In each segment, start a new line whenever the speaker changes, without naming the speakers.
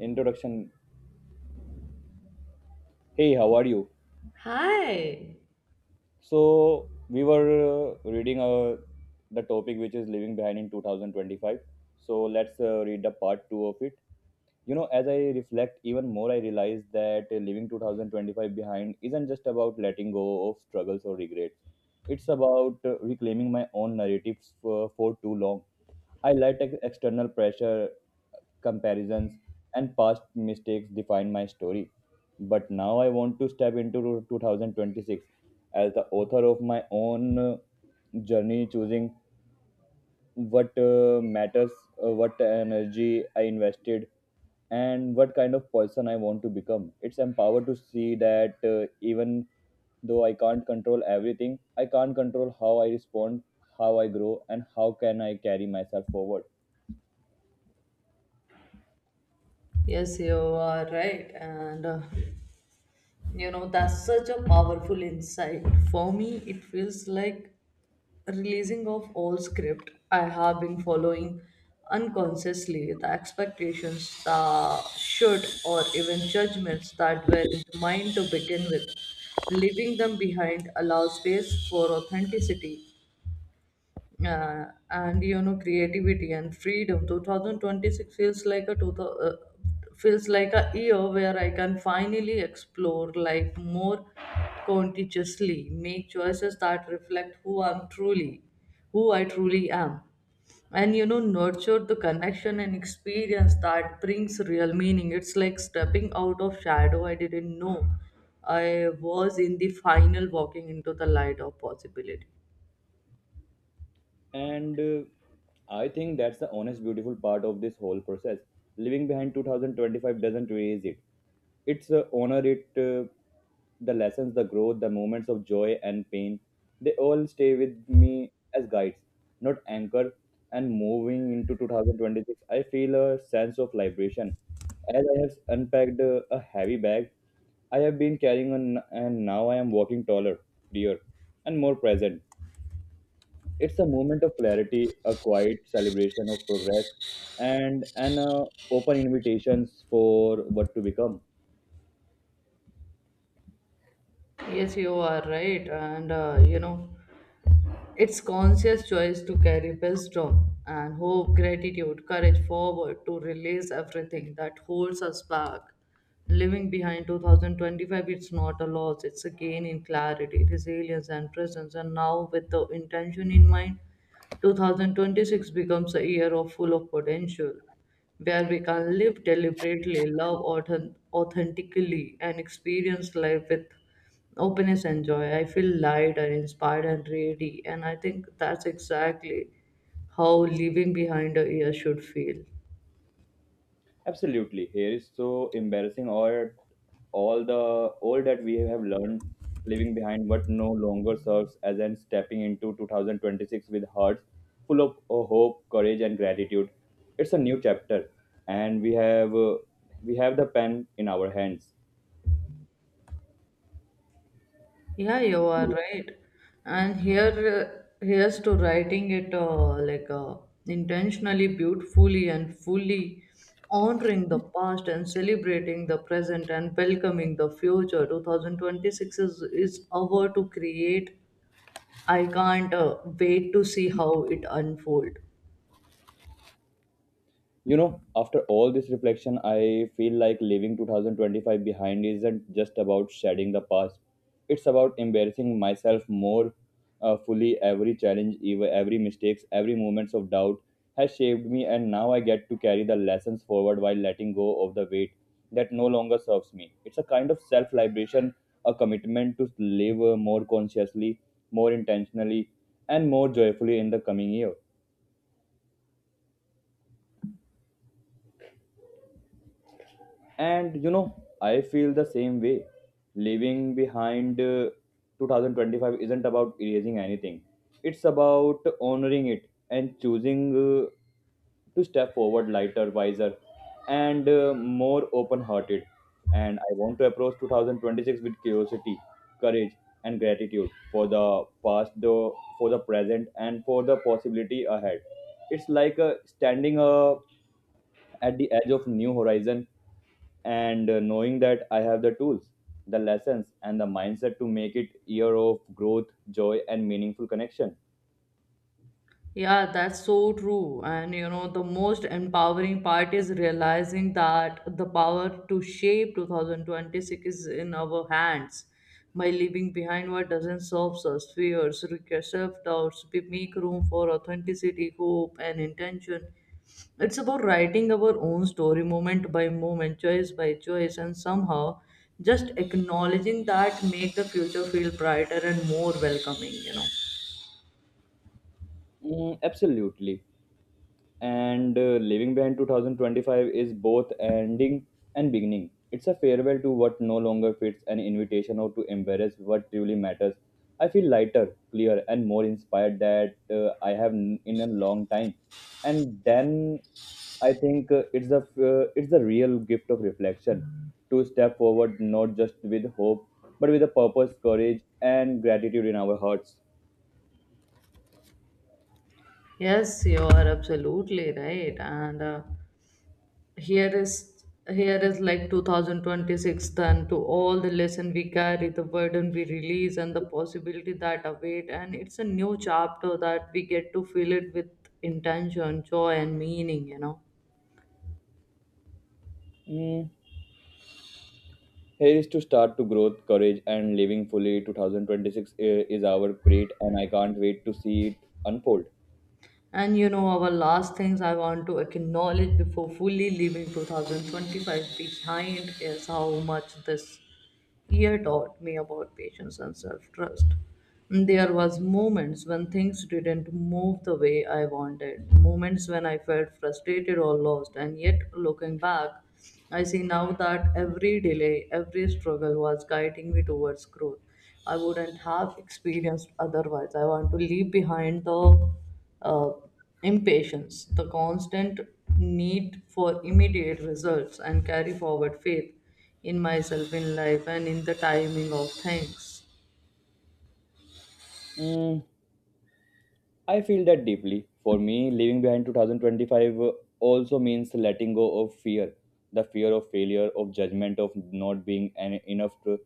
Introduction. Hey, how are you?
Hi.
So we were reading the topic which is leaving behind in 2025. So let's read the part two of it. You know, as I reflect even more, I realize that leaving 2025 behind isn't just about letting go of struggles or regrets. It's about reclaiming my own narratives for too long. I let external pressure, comparisons, and past mistakes define my story. But now I want to step into 2026 as the author of my own journey, choosing what matters, what energy I invested, and what kind of person I want to become. It's empowered to see that even though I can't control everything, I can't control how I respond, how I grow, and how can I carry myself forward.
Yes, you are right. And that's such a powerful insight. For me, it feels like releasing of all script I have been following unconsciously, the expectations, the should, or even judgments that were mine to begin with. Leaving them behind allows space for authenticity uh, and you know creativity and freedom. 2026 feels like a thousand, uh, feels like a year where I can finally explore life more consciously, make choices that reflect who I truly am, and nurture the connection and experience that brings real meaning. It's like stepping out of shadow I didn't know I was in, the final walking into the light of possibility.
And I think that's the honest, beautiful part of this whole process. Leaving behind 2025 doesn't erase it. It's honor it, the lessons, the growth, the moments of joy and pain. They all stay with me as guides, not anchor. And moving into 2026, I feel a sense of liberation. As I have unpacked a heavy bag, I have been carrying on, and now I am walking taller, freer, and more present. It's a moment of clarity, a quiet celebration of progress, and an open invitations for what to become.
Yes, you are right. And it's conscious choice to carry wisdom and hope, gratitude, courage forward to release everything that holds us back. Living behind 2025, it's not a loss, it's a gain in clarity, resilience, and presence. And now, with the intention in mind, 2026 becomes a year of full of potential where we can live deliberately, love authentically, and experience life with openness and joy. I feel lighter, inspired, and ready. And I think that's exactly how leaving behind a year should feel.
Absolutely, here is so embarrassing or all the all that we have learned, leaving behind what no longer serves as and stepping into 2026 with hearts full of hope, courage, and gratitude. It's a new chapter, and we have the pen in our hands.
Yeah, you are right. And here, here's to writing it intentionally, beautifully, and fully honoring the past and celebrating the present and welcoming the future. 2026 is our to create. I can't wait to see how it unfolds.
You know, after all this reflection, I feel like leaving 2025 behind isn't just about shedding the past. It's about embarrassing myself more fully. Every challenge, every mistakes, every moments of doubt has shaped me, and now I get to carry the lessons forward while letting go of the weight that no longer serves me. It's a kind of self-liberation, a commitment to live more consciously, more intentionally, and more joyfully in the coming year. And you know, I feel the same way. Leaving behind 2025 isn't about erasing anything. It's about honoring it and choosing uh, to step forward lighter, wiser, and more open hearted. And I want to approach 2026 with curiosity, courage, and gratitude for the past, though, for the present, and for the possibility ahead. It's like standing at the edge of new horizon, and knowing that I have the tools, the lessons, and the mindset to make it year of growth, joy, and meaningful connection.
Yeah, that's so true. And you know, the most empowering part is realizing that the power to shape 2026 is in our hands. By leaving behind what doesn't serve us, fears, regrets, self-doubts, we make room for authenticity, hope, and intention. It's about writing our own story moment by moment, choice by choice, and somehow just acknowledging that make the future feel brighter and more welcoming, you know.
Mm, absolutely, and leaving behind 2025 is both ending and beginning. It's a farewell to what no longer fits, an invitation or to embrace what truly matters. I feel lighter, clearer, and more inspired that I have in a long time. And then I think it's the real gift of reflection to step forward not just with hope, but with a purpose, courage, and gratitude in our hearts.
Yes, you are absolutely right. And here is here is like 2026 then to all the lesson we carry, the burden we release, and the possibility that await. And it's a new chapter that we get to fill it with intention, joy, and meaning. You know.
Mm. Here is to start to growth, courage, and living fully. 2026 is our great, and I can't wait to see it unfold.
And you know, our last things I want to acknowledge before fully leaving 2025 behind is how much this year taught me about patience and self-trust. There was moments when things didn't move the way I wanted, moments when I felt frustrated or lost, and yet looking back, I see now that every delay, every struggle was guiding me towards growth. I wouldn't have experienced otherwise. I want to leave behind the uh, impatience, the constant need for immediate results, and carry forward faith in myself, in life, and in the timing of things.
Mm, I feel that deeply. For me, leaving behind 2025 also means letting go of fear. The fear of failure, of judgment, of not being enough. To,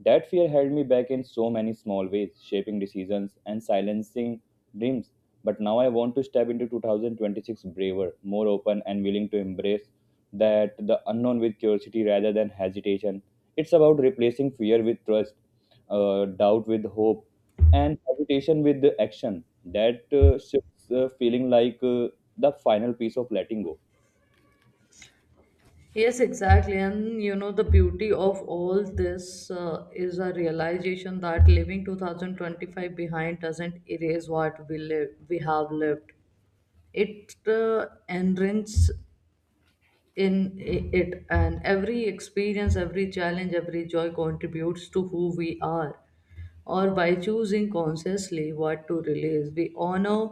that fear held me back in so many small ways, shaping decisions and silencing dreams. But now I want to step into 2026 braver, more open, and willing to embrace that the unknown with curiosity rather than hesitation. It's about replacing fear with trust, doubt with hope, and habitation with the action that shifts feeling like the final piece of letting go.
Yes, exactly. And you know, the beauty of all this is a realization that leaving 2025 behind doesn't erase we have lived. It enriches in it, and every experience, every challenge, every joy contributes to who we are, or by choosing consciously what to release we honor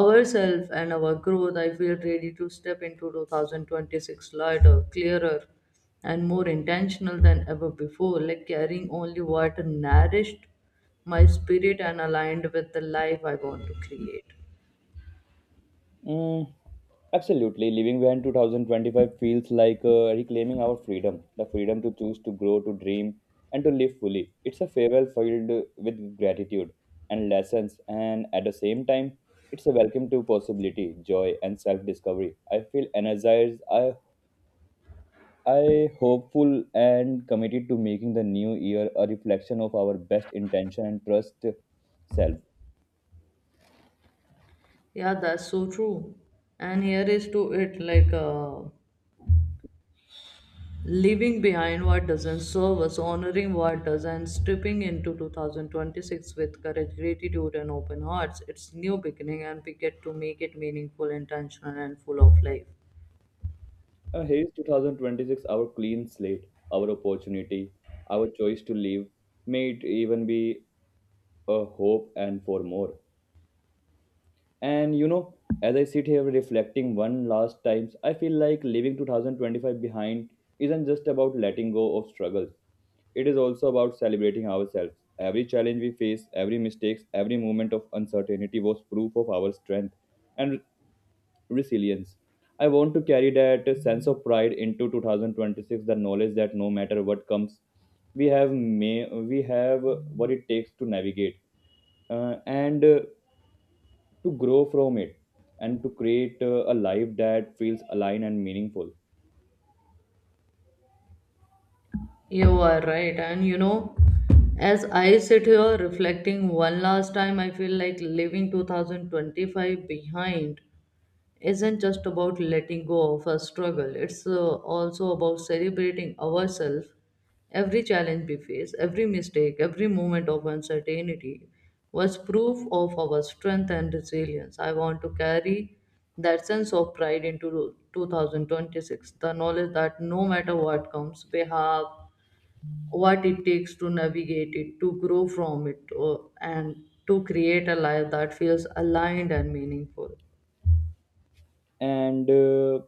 ourselves and our growth. I feel ready to step into 2026 lighter, clearer, and more intentional than ever before, like carrying only what nourished my spirit and aligned with the life I want to create.
Mm, absolutely, living behind 2025 feels like reclaiming our freedom, the freedom to choose, to grow, to dream, and to live fully. It's a farewell filled with gratitude and lessons, and at the same time it's a welcome to possibility, joy, and self-discovery. I feel energized, I hopeful and committed to making the new year a reflection of our best intention and trust self.
Yeah, that's so true. And here is to it Leaving behind what doesn't serve us, honoring what does, and stepping into 2026 with courage, gratitude, and open hearts. It's new beginning, and we get to make it meaningful, intentional, and full of life.
Here is 2026, our clean slate, our opportunity, our choice to live. May it even be a hope and for more. And you know, as I sit here reflecting one last times, I feel like leaving 2025 behind isn't just about letting go of struggles. It is also about celebrating ourselves. Every challenge we face, every mistake, every moment of uncertainty was proof of our strength and resilience. I want to carry that sense of pride into 2026, the knowledge that no matter what comes, we have what it takes to navigate. And to grow from it and to create a life that feels aligned and meaningful.
You are right, and you know, as I sit here reflecting one last time, I feel like leaving 2025 behind isn't just about letting go of a struggle, it's also about celebrating ourselves, every challenge we face, every mistake, every moment of uncertainty. Was proof of our strength and resilience. I want to carry that sense of pride into 2026. The knowledge that no matter what comes, we have what it takes to navigate it, to grow from it, and to create a life that feels aligned and meaningful.
And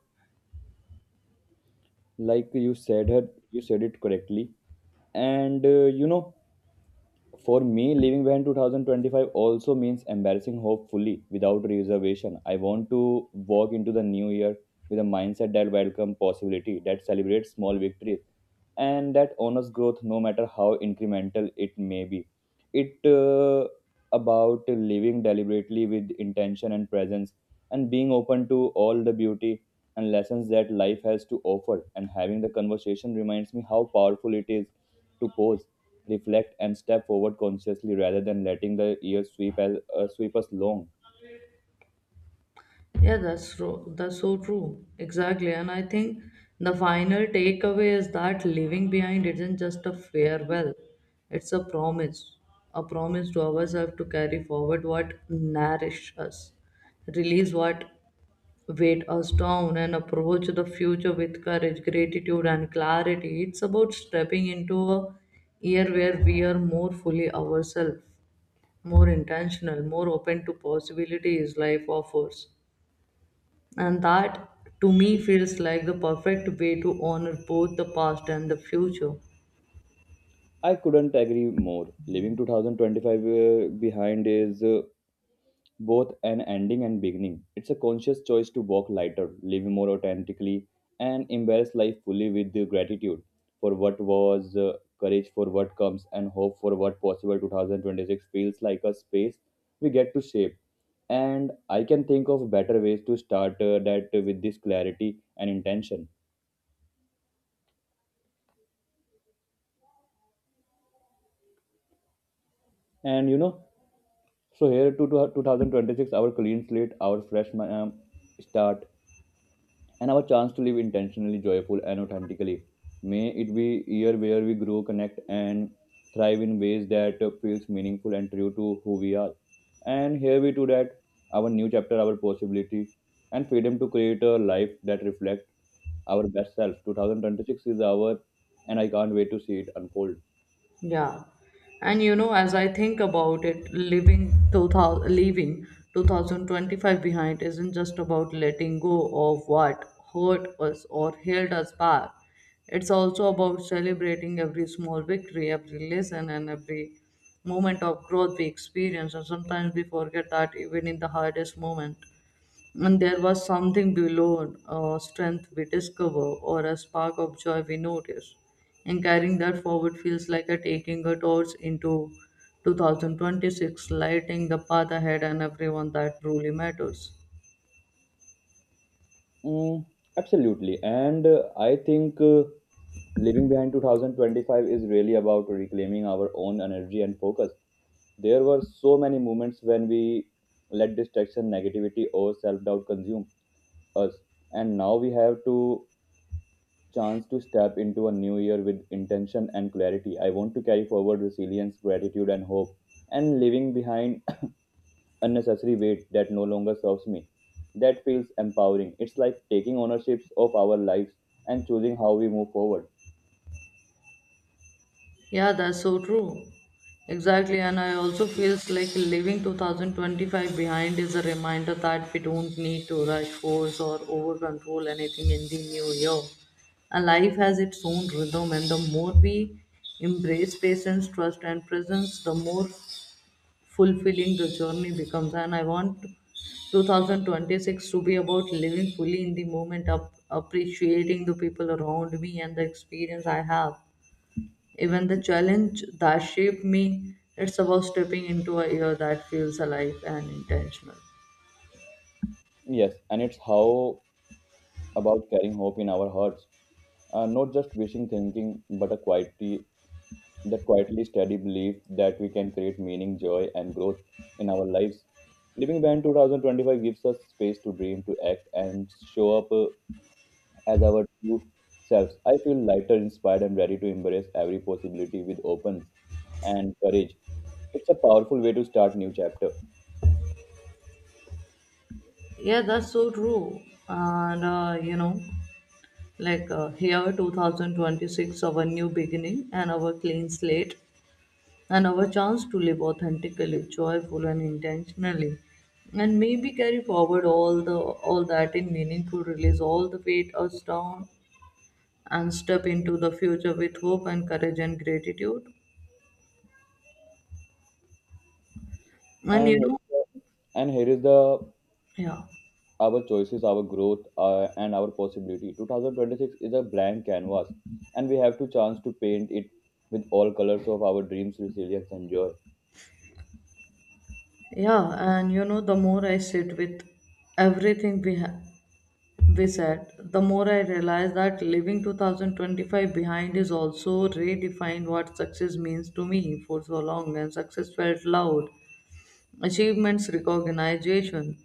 like you said it correctly, and you know, for me, leaving behind 2025 also means embarrassing hope fully without reservation. I want to walk into the new year with a mindset that welcomes possibility, that celebrates small victories, and that honors growth no matter how incremental it may be. It about living deliberately with intention and presence, and being open to all the beauty and lessons that life has to offer, and having the conversation reminds me how powerful it is to pause, reflect, and step forward consciously rather than letting the years sweep, sweep us long.
Yeah, that's so true. Exactly. And I think the final takeaway is that leaving behind isn't just a farewell. It's a promise. A promise to ourselves to carry forward what nourish us, release what weight us down, and approach the future with courage, gratitude, and clarity. It's about stepping into a year where we are more fully ourselves, more intentional, more open to possibilities life offers, and that, to me, feels like the perfect way to honor both the past and the future.
I couldn't agree more. Leaving 2025 behind is both an ending and beginning. It's a conscious choice to walk lighter, live more authentically, and embrace life fully with the gratitude for what was, courage for what comes, and hope for what possible. 2026 feels like a space we get to shape. And I can think of better ways to start that with this clarity and intention. And you know, so here to 2026, our clean slate, our fresh start, and our chance to live intentionally, joyful, and authentically. May it be a year where we grow, connect, and thrive in ways that feels meaningful and true to who we are. And here we do that, our new chapter, our possibility, and freedom to create a life that reflects our best self. 2026 is our, and I can't wait to see it unfold.
Yeah. And you know, as I think about it, leaving 2025 behind isn't just about letting go of what hurt us or held us back. It's also about celebrating every small victory, every lesson, and every moment of growth we experience. And sometimes we forget that even in the hardest moment. And there was something below, a strength we discover or a spark of joy we notice. And carrying that forward feels like a taking a torch into 2026, lighting the path ahead and everyone that truly matters.
Mm, absolutely, and I think living behind 2025 is really about reclaiming our own energy and focus. There were so many moments when we let distraction, negativity, or self doubt consume us, and now we have to chance to step into a new year with intention and clarity. I want to carry forward resilience, gratitude, and hope, and leaving behind unnecessary weight that no longer serves me. That feels empowering. It's like taking ownership of our lives and choosing how we move forward.
Yeah, that's so true. Exactly, and I also feels like leaving 2025 behind is a reminder that we don't need to rush, force, or over control anything in the new year. And life has its own rhythm, and the more we embrace patience, trust, and presence, the more fulfilling the journey becomes. And I want 2026 to be about living fully in the moment, appreciating the people around me and the experience I have, even the challenge that shaped me. It's about stepping into a year that feels alive and intentional.
Yes, and it's how about carrying hope in our hearts, not just wishing thinking, but a quietly that quietly steady belief that we can create meaning, joy, and growth in our lives. Living Band 2025 gives us space to dream, to act, and show up as our true selves. I feel lighter, inspired, and ready to embrace every possibility with openness and courage. It's a powerful way to start new chapter.
Yeah, that's so true. And you know, like here 2026, our new beginning and our clean slate and our chance to live authentically, joyful, and intentionally. And maybe carry forward all the all that in meaningful release, all the weight us down, and step into the future with hope and courage and gratitude. And
And
you
here
know,
is the, and here is the
yeah.
our choices, our growth, and our possibility. 2026 is a blank canvas, and we have to chance to paint it with all colors of our dreams, resilience, and joy.
Yeah, and you know, the more I sit with everything we said, the more I realize that leaving 2025 behind is also redefined what success means to me. For so long, and success felt loud, achievements, recognition,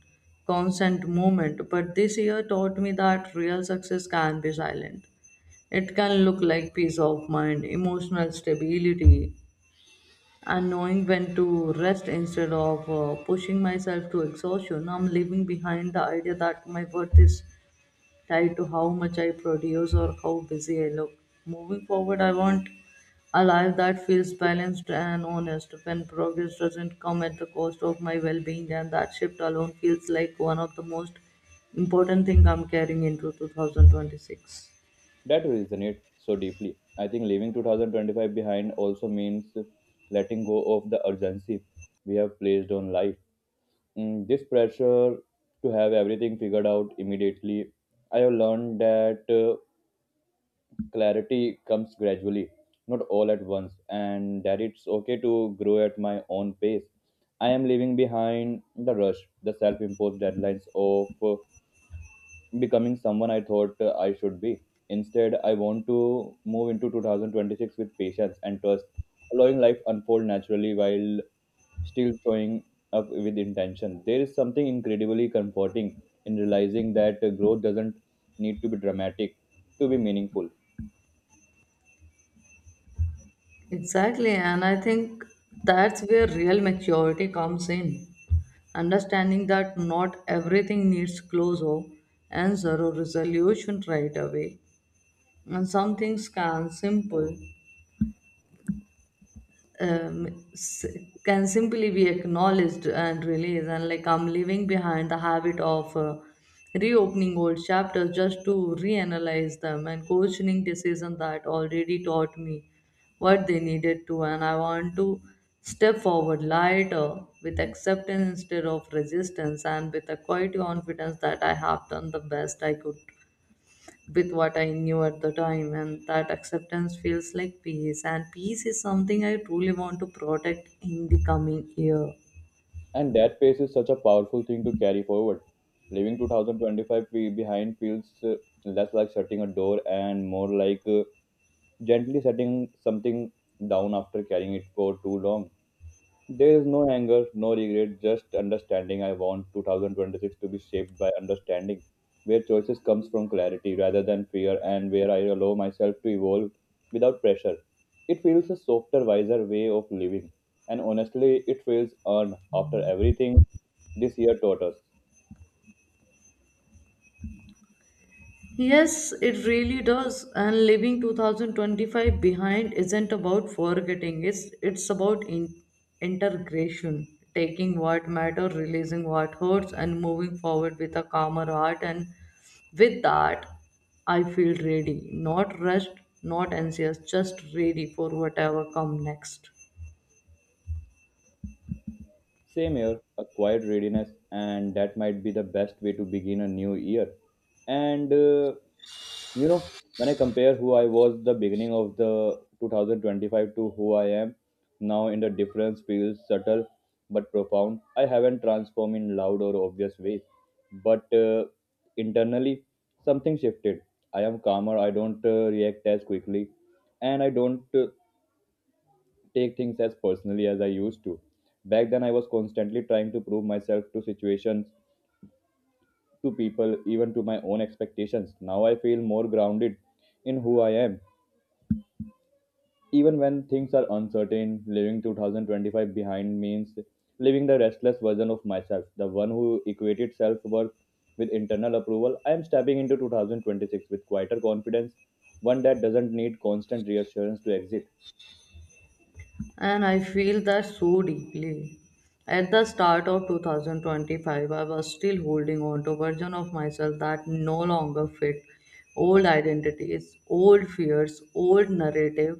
constant movement. But this year taught me that real success can be silent. It can look like peace of mind, emotional stability, and knowing when to rest instead of pushing myself to exhaustion. I'm leaving behind the idea that my worth is tied to how much I produce or how busy I look. Moving forward, I want a life that feels balanced and honest when progress doesn't come at the cost of my well being, and that shift alone feels like one of the most important things I'm carrying into 2026.
That resonates so deeply. I think leaving 2025 behind also means letting go of the urgency we have placed on life. Mm, this pressure to have everything figured out immediately. I have learned that. Clarity comes gradually, not all at once, and that it's okay to grow at my own pace. I am leaving behind the rush, the self-imposed deadlines of becoming someone I thought I should be. Instead, I want to move into 2026 with patience and trust, allowing life unfold naturally while still showing up with intention. There is something incredibly comforting in realizing that growth doesn't need to be dramatic to be meaningful.
Exactly, and I think that's where real maturity comes in. Understanding that not everything needs closure and zero resolution right away, and some things can simple um, s- can simply be acknowledged and released. And like, I'm leaving behind the habit of reopening old chapters just to reanalyze them and questioning decisions that already taught me what they needed to. And I want to step forward lighter, with acceptance instead of resistance, and with a quiet confidence that I have done the best I could with what I knew at the time, and that acceptance feels like peace. And peace is something I truly want to protect in the coming year.
And that pace is such a powerful thing to carry forward. Leaving 2025 behind feels less like shutting a door and more like gently setting something down after carrying it for too long. There is no anger, no regret, just understanding. I want 2026 to be shaped by understanding, where choices comes from clarity rather than fear, and where I allow myself to evolve without pressure. It feels a softer, wiser way of living, and honestly, it feels earned after everything this year taught us.
Yes, it really does. And leaving 2025 behind isn't about forgetting. It's about integration, taking what matters, releasing what hurts, and moving forward with a calmer heart. And with that, I feel ready, not rushed, not anxious, just ready for whatever come next.
Same here, a quiet readiness, and that might be the best way to begin a new year. And uh, you know, when I compare who I was the beginning of the 2025 to who I am now, in the difference feels subtle but profound. I haven't transformed in loud or obvious ways, but internally something shifted. I am calmer. I don't react as quickly, and I don't take things as personally as I used to. Back then, I was constantly trying to prove myself to situations, to people, even to my own expectations. Now I feel more grounded in who I am. Even when things are uncertain, leaving 2025 behind means leaving the restless version of myself, the one who equated self worth with internal approval. I am stepping into 2026 with quieter confidence, one that doesn't need constant reassurance to exist.
And I feel that so deeply. At the start of 2025, I was still holding on to version of myself that no longer fit, old identities, old fears, old narrative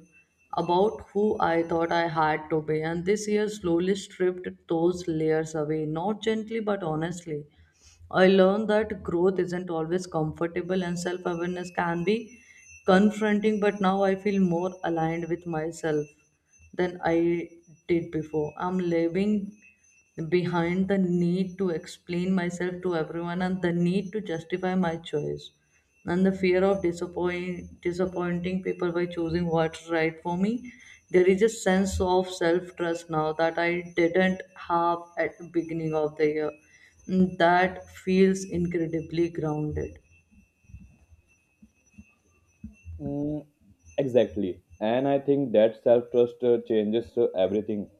about who I thought I had to be. And this year slowly stripped those layers away, not gently but honestly. I learned that growth isn't always comfortable and self awareness can be confronting, but now I feel more aligned with myself than I did before. I'm leaving behind the need to explain myself to everyone and the need to justify my choice and the fear of disappointing people by choosing what's right for me. There is a sense of self trust now that I didn't have at the beginning of the year. Mm. That feels incredibly grounded.
Mm, exactly. And I think that self trust changes everything.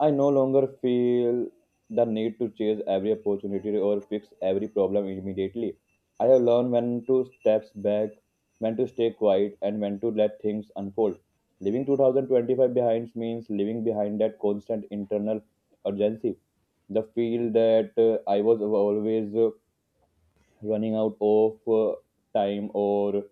I no longer feel the need to chase every opportunity or fix every problem immediately. I have learned when to step back, when to stay quiet, and when to let things unfold. Leaving 2025 behind means leaving behind that constant internal urgency. The feel that I was always running out of time or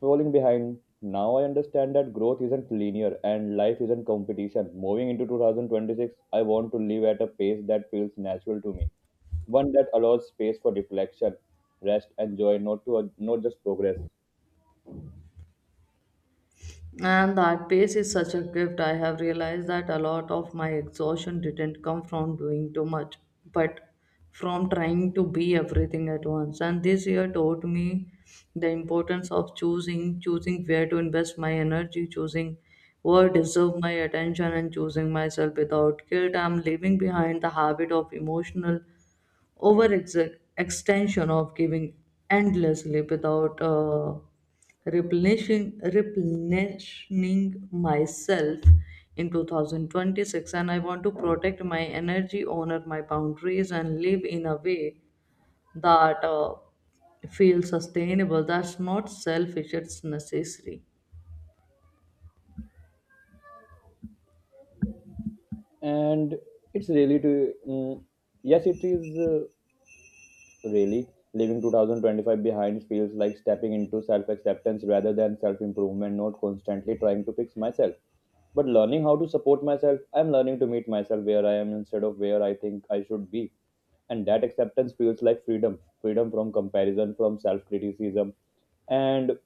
falling behind. Now I understand that growth isn't linear and life isn't competition. Moving into 2026, I want to live at a pace that feels natural to me, one that allows space for reflection, rest, and joy, not to not just progress.
And that pace is such a gift. I have realized that a lot of my exhaustion didn't come from doing too much, but from trying to be everything at once. And this year taught me the importance of choosing, choosing where to invest my energy, choosing what deserve my attention, and choosing myself without guilt. I'm leaving behind the habit of emotional over ex- extension, of giving endlessly without replenishing myself in 2026. And I want to protect my energy, honor my boundaries, and live in a way that feels sustainable. That's not selfish, it's necessary.
And it's really to yes, it is. Really, leaving 2025 behind feels like stepping into self acceptance rather than self improvement, not constantly trying to fix myself. But learning how to support myself, I'm learning to meet myself where I am instead of where I think I should be. And that acceptance feels like freedom from comparison, from self criticism, and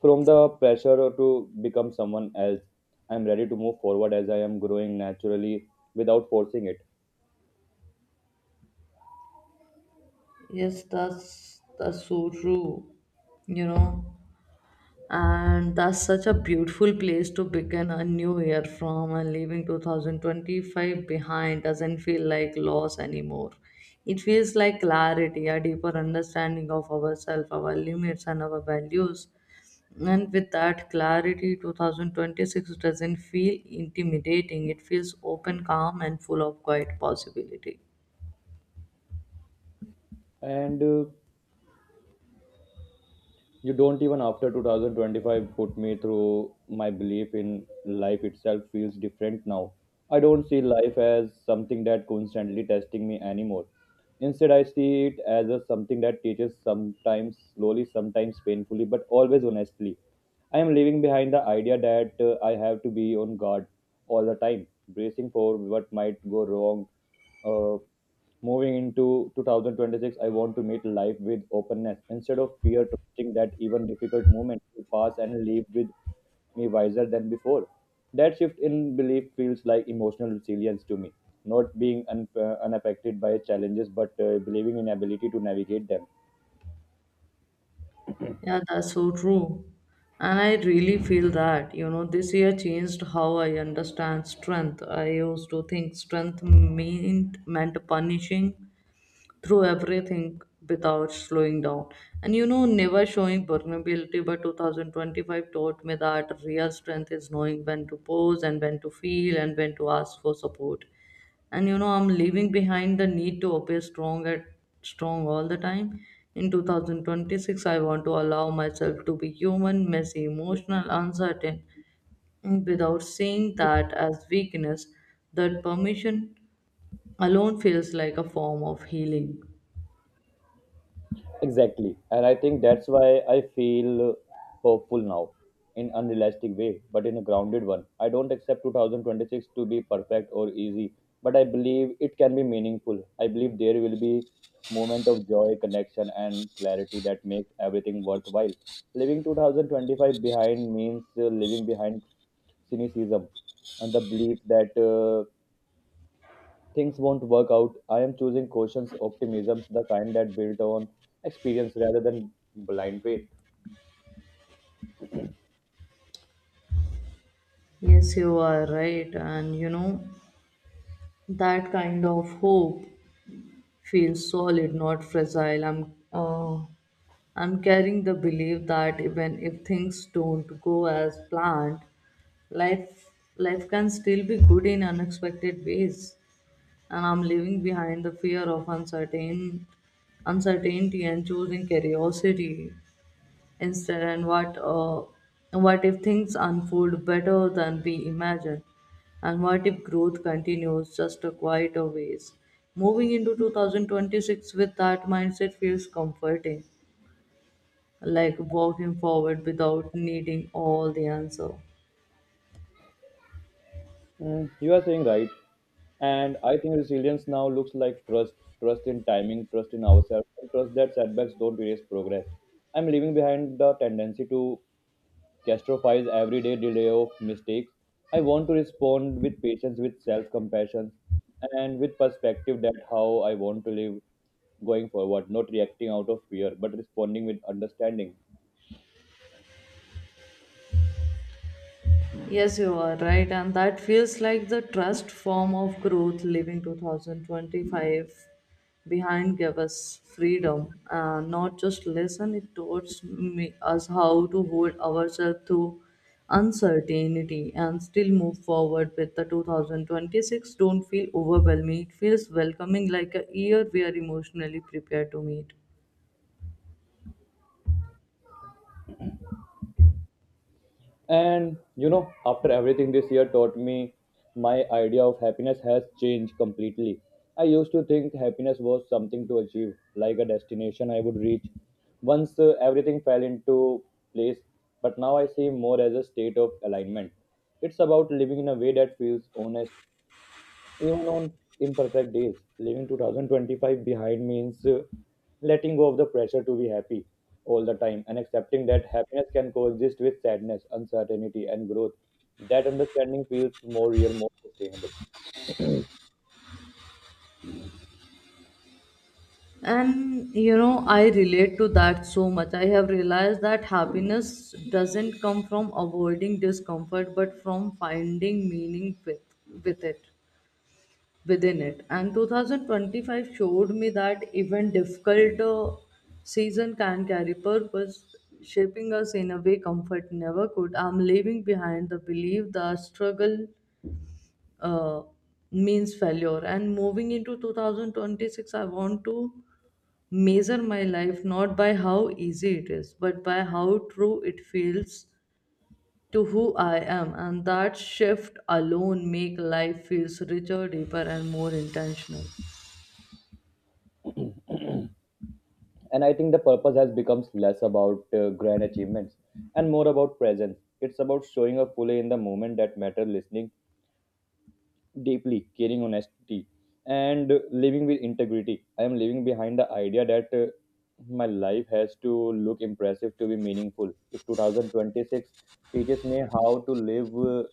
from the pressure to become someone else. I'm ready to move forward as I am growing naturally without forcing it.
Yes, that's so true. You know, and that's such a beautiful place to begin a new year from. And leaving 2025 behind doesn't feel like loss anymore, it feels like clarity, a deeper understanding of ourselves, our limits, and our values. And with that clarity, 2026 doesn't feel intimidating, it feels open, calm, and full of quiet possibility.
And You don't even after 2025 put me through my belief in life itself feels different now. I don't see life as something that constantly testing me anymore. Instead, I see it as a something that teaches, sometimes slowly, sometimes painfully, but always honestly. I am leaving behind the idea that I have to be on guard all the time, bracing for what might go wrong. uh, Moving into 2026, I want to meet life with openness instead of fear, trusting that even difficult moments will pass and leave with me wiser than before. That shift in belief feels like emotional resilience to me, not being unaffected by challenges but believing in ability to navigate them.
Yeah, that's so true. And I really feel that, you know, this year changed how I understand strength. I used to think strength meant meant punishing through everything without slowing down. And you know, never showing vulnerability, but 2025 taught me that real strength is knowing when to pause and when to feel and when to ask for support. And you know, I'm leaving behind the need to appear strong all the time. In 2026 I want to allow myself to be human, messy, emotional, uncertain, without seeing that as weakness. That permission alone feels like a form of healing.
Exactly. And I think that's why I feel hopeful now in unrealistic way, but in a grounded one. I don't accept 2026 to be perfect or easy, but I believe it can be meaningful. I believe there will be moment of joy, connection and clarity that makes everything worthwhile. Leaving 2025 behind means leaving behind cynicism and the belief that things won't work out. I am choosing cautious optimism, the kind that built on experience rather than blind faith.
Yes, you are right, and you know, that kind of hope feels solid, not fragile. Uh, I'm carrying the belief that even if things don't go as planned, Life life can still be good in unexpected ways, and I'm leaving behind the fear of uncertainty and choosing curiosity instead. And what if things unfold better than we imagine? And what if growth continues just a quieter ways? Moving into 2026 with that mindset feels comforting, like walking forward without needing all the answer.
Mm, you are saying right. And I think resilience now looks like trust, trust in timing, trust in ourselves, and trust that setbacks don't erase progress. I'm leaving behind the tendency to Castrophile's everyday delay of mistakes. I want to respond with patience, with self compassion, and with perspective that how I want to live going forward, not reacting out of fear, but responding with understanding.
Yes, you are right, and that feels like the trust form of growth. Leaving 2025 behind gave us freedom, not just lesson. It taught me, us, how to hold ourselves to uncertainty and still move forward with the 2026. Don't feel overwhelming. It feels welcoming, like a year we are emotionally prepared to meet.
And you know, after everything this year taught me, my idea of happiness has changed completely. I used to think happiness was something to achieve, like a destination I would reach. Once everything fell into place, but now I see more as a state of alignment. It's about living in a way that feels honest, even on imperfect days. Leaving 2025 behind means letting go of the pressure to be happy all the time and accepting that happiness can coexist with sadness, uncertainty and growth. That understanding feels more real, more sustainable.
And you know, I relate to that so much. I have realized that happiness doesn't come from avoiding discomfort, but from finding meaning with it, within it. And 2025 showed me that even difficult season can carry purpose, shaping us in a way comfort never could. I'm leaving behind the belief that struggle uh, means failure. And moving into 2026, I want to measure my life not by how easy it is, but by how true it feels to who I am. And that shift alone make life feels richer, deeper, and more intentional.
And I think the purpose has becomes less about grand achievements and more about presence. It's about showing up fully in the moment that matter, listening deeply, caring honesty, and living with integrity. I am living behind the idea that my life has to look impressive to be meaningful. If 2026 teaches me how to live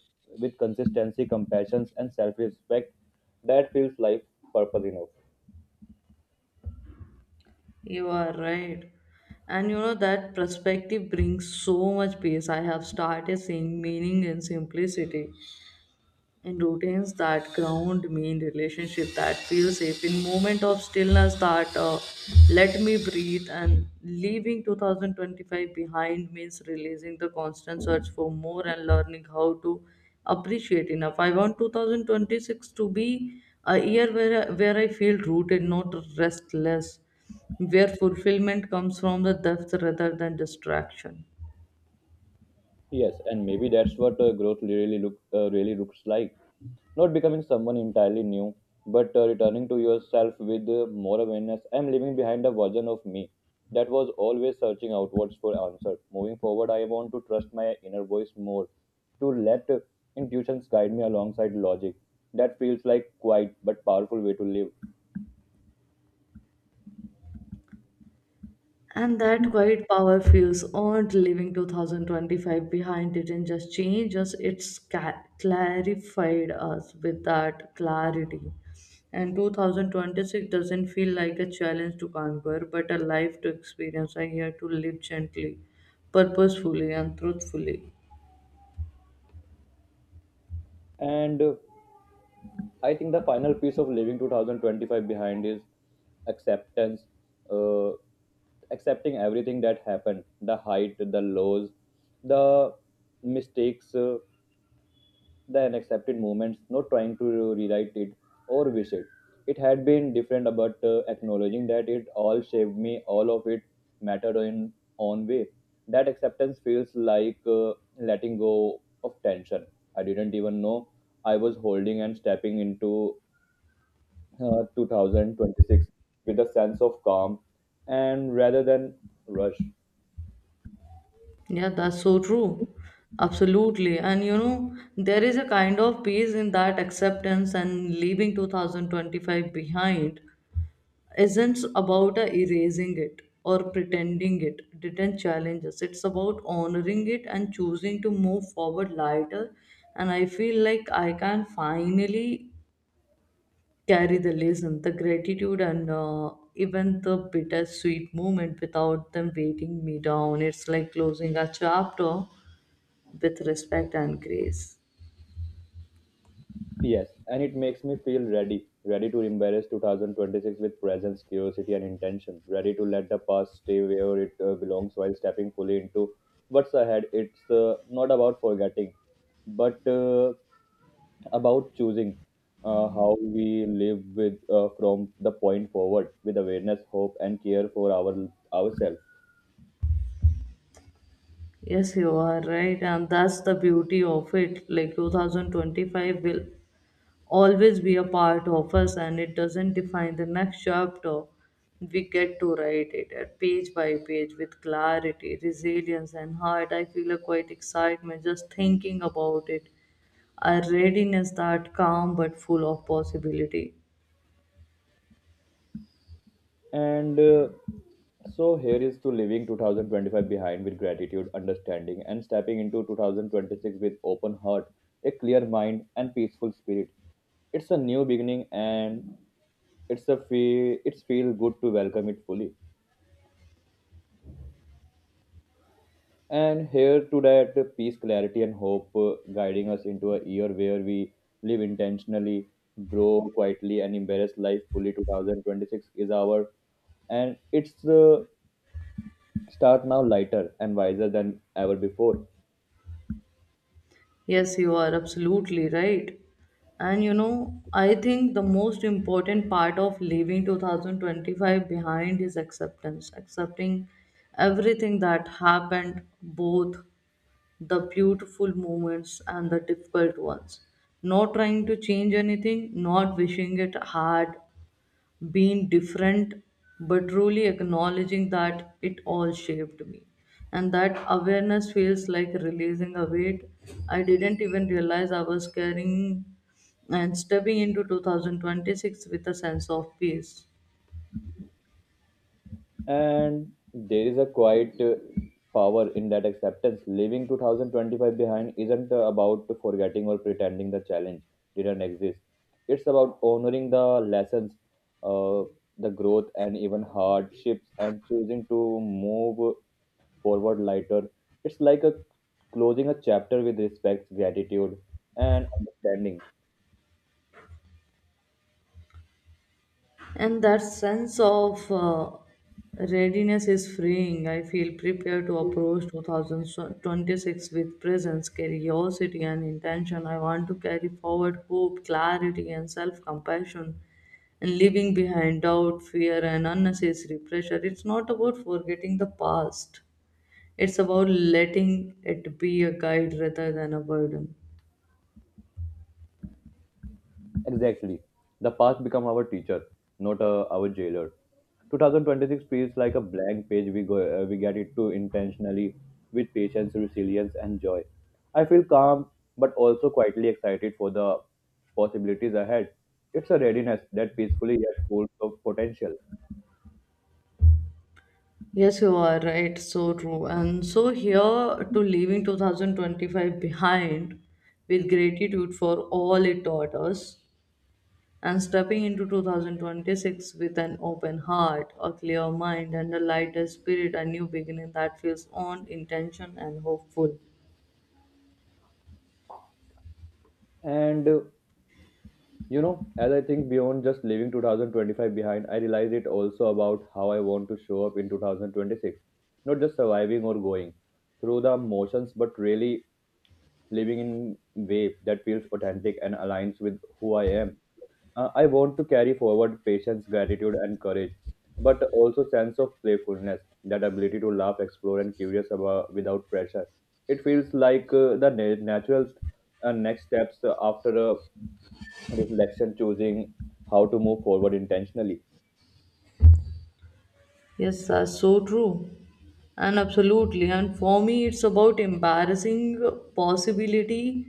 with consistency, compassion, and self respect, that feels life purpose enough.
You are right. And you know, that perspective brings so much peace. I have started seeing meaning in simplicity and routines that ground me, in relationship that feel safe, in moment of stillness that let me breathe. And leaving 2025 behind means releasing the constant search for more and learning how to appreciate enough. I want 2026 to be a year where I feel rooted, not restless, where fulfillment comes from the depth rather than distraction.
Yes, and maybe that's what growth really looks like. Not becoming someone entirely new, but returning to yourself with more awareness. I'm leaving behind a version of me that was always searching outwards for answers. Moving forward, I want to trust my inner voice more, to let intuitions guide me alongside logic. That feels like quiet but powerful way to live.
And that quiet power feels earned. Leaving 2025 behind didn't just change us, clarified us with that clarity. And 2026 doesn't feel like a challenge to conquer, but a life to experience. I here to live gently, purposefully, and truthfully.
And I think the final piece of leaving 2025 behind is acceptance, uh, accepting everything that happened, the height, the lows, the mistakes, the unaccepted moments, not trying to rewrite it or wish it. It had been different, but acknowledging that it all shaped me, all of it mattered in own way. That acceptance feels like letting go of tension. I didn't even know I was holding and stepping into 2026 with a sense of calm and rather than rush.
Yeah, that's so true. Absolutely. And you know, there is a kind of peace in that acceptance. And leaving 2025 behind isn't about erasing it or pretending it didn't challenge us. It's about honoring it and choosing to move forward lighter. And I feel like I can finally carry the lesson, the gratitude, and even the bittersweet moment without them weighing me down. It's like closing a chapter with respect and grace.
Yes, and it makes me feel ready, ready to embrace 2026 with presence, curiosity, and intention, ready to let the past stay where it belongs while stepping fully into what's ahead. It's not about forgetting, but about choosing how we live with from the point forward with awareness, hope, and care for our ourselves.
Yes, you are right, and that's the beauty of it. Like 2025 will always be a part of us, and it doesn't define the next chapter. We get to write it at page by page with clarity, resilience, and heart. I feel a quite excitement just thinking about it, a readiness that calm but full of possibility.
And So here is to leaving 2025 behind with gratitude, understanding, and stepping into 2026 with open heart, a clear mind, and peaceful spirit. It's a new beginning, and it's a feel. It's feel good to welcome it fully. And here to that peace, clarity, and hope, guiding us into a year where we live intentionally, grow quietly, and embrace life fully. 2026 is our and it's start now lighter and wiser than ever before.
Yes, you are absolutely right. And you know, I think the most important part of leaving 2025 behind is acceptance, accepting everything that happened, both the beautiful moments and the difficult ones. Not trying to change anything, not wishing it had been different, but truly acknowledging that it all shaped me. And that awareness feels like releasing a weight I didn't even realize I was carrying, and stepping into 2026 with a sense of peace.
And there is a quiet power in that acceptance. Leaving 2025 behind isn't about forgetting or pretending the challenge didn't exist. It's about honoring the lessons, uh, the growth, and even hardships, and choosing to move forward lighter. It's like a closing a chapter with respect, gratitude, and understanding.
And that sense of readiness is freeing. I feel prepared to approach 2026 with presence, curiosity, and intention. I want to carry forward hope, clarity, and self compassion, and leaving behind doubt, fear, and unnecessary pressure. It's not about forgetting the past, it's about letting it be a guide rather than a burden.
Exactly. The past become our teacher, not our jailer. 2026 feels like a blank page. We get it to intentionally with patience, resilience, and joy. I feel calm, but also quietly excited for the possibilities ahead. It's a readiness that peacefully yet full of potential.
Yes, you are right. So true. And so here to leaving 2025 behind with gratitude for all it taught us, and stepping into 2026 with an open heart, a clear mind, and a lighter spirit, a new beginning that feels on intention and hopeful.
And You know, as I think beyond just leaving 2025 behind, I realize it also about how I want to show up in 2026. Not just surviving or going through the motions, but really living in way that feels authentic and aligns with who I am. I want to carry forward patience, gratitude, and courage, but also sense of playfulness, that ability to laugh, explore, and curious about without pressure. It feels like the natural next steps after a reflection, choosing how to move forward intentionally.
Yes, that's so true. And absolutely. And for me, it's about embarrassing possibility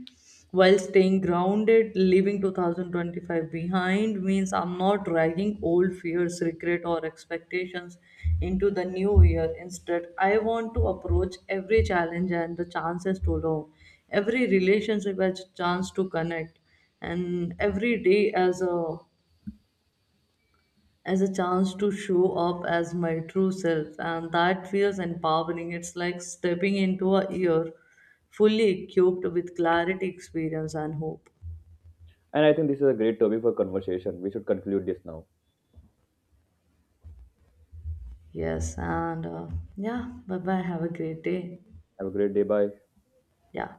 while staying grounded. Leaving 2025 behind means I'm not dragging old fears, regret, or expectations into the new year. Instead, I want to approach every challenge and the chances to learn, every relationship as a chance to connect, and every day as a chance to show up as my true self. And that feels empowering. It's like stepping into a year fully equipped with clarity, experience, and hope.
And I think this is a great topic for conversation. We should conclude this now.
Yes and uh, yeah, bye bye, have a great day.
Have a great day. Bye.
Yeah.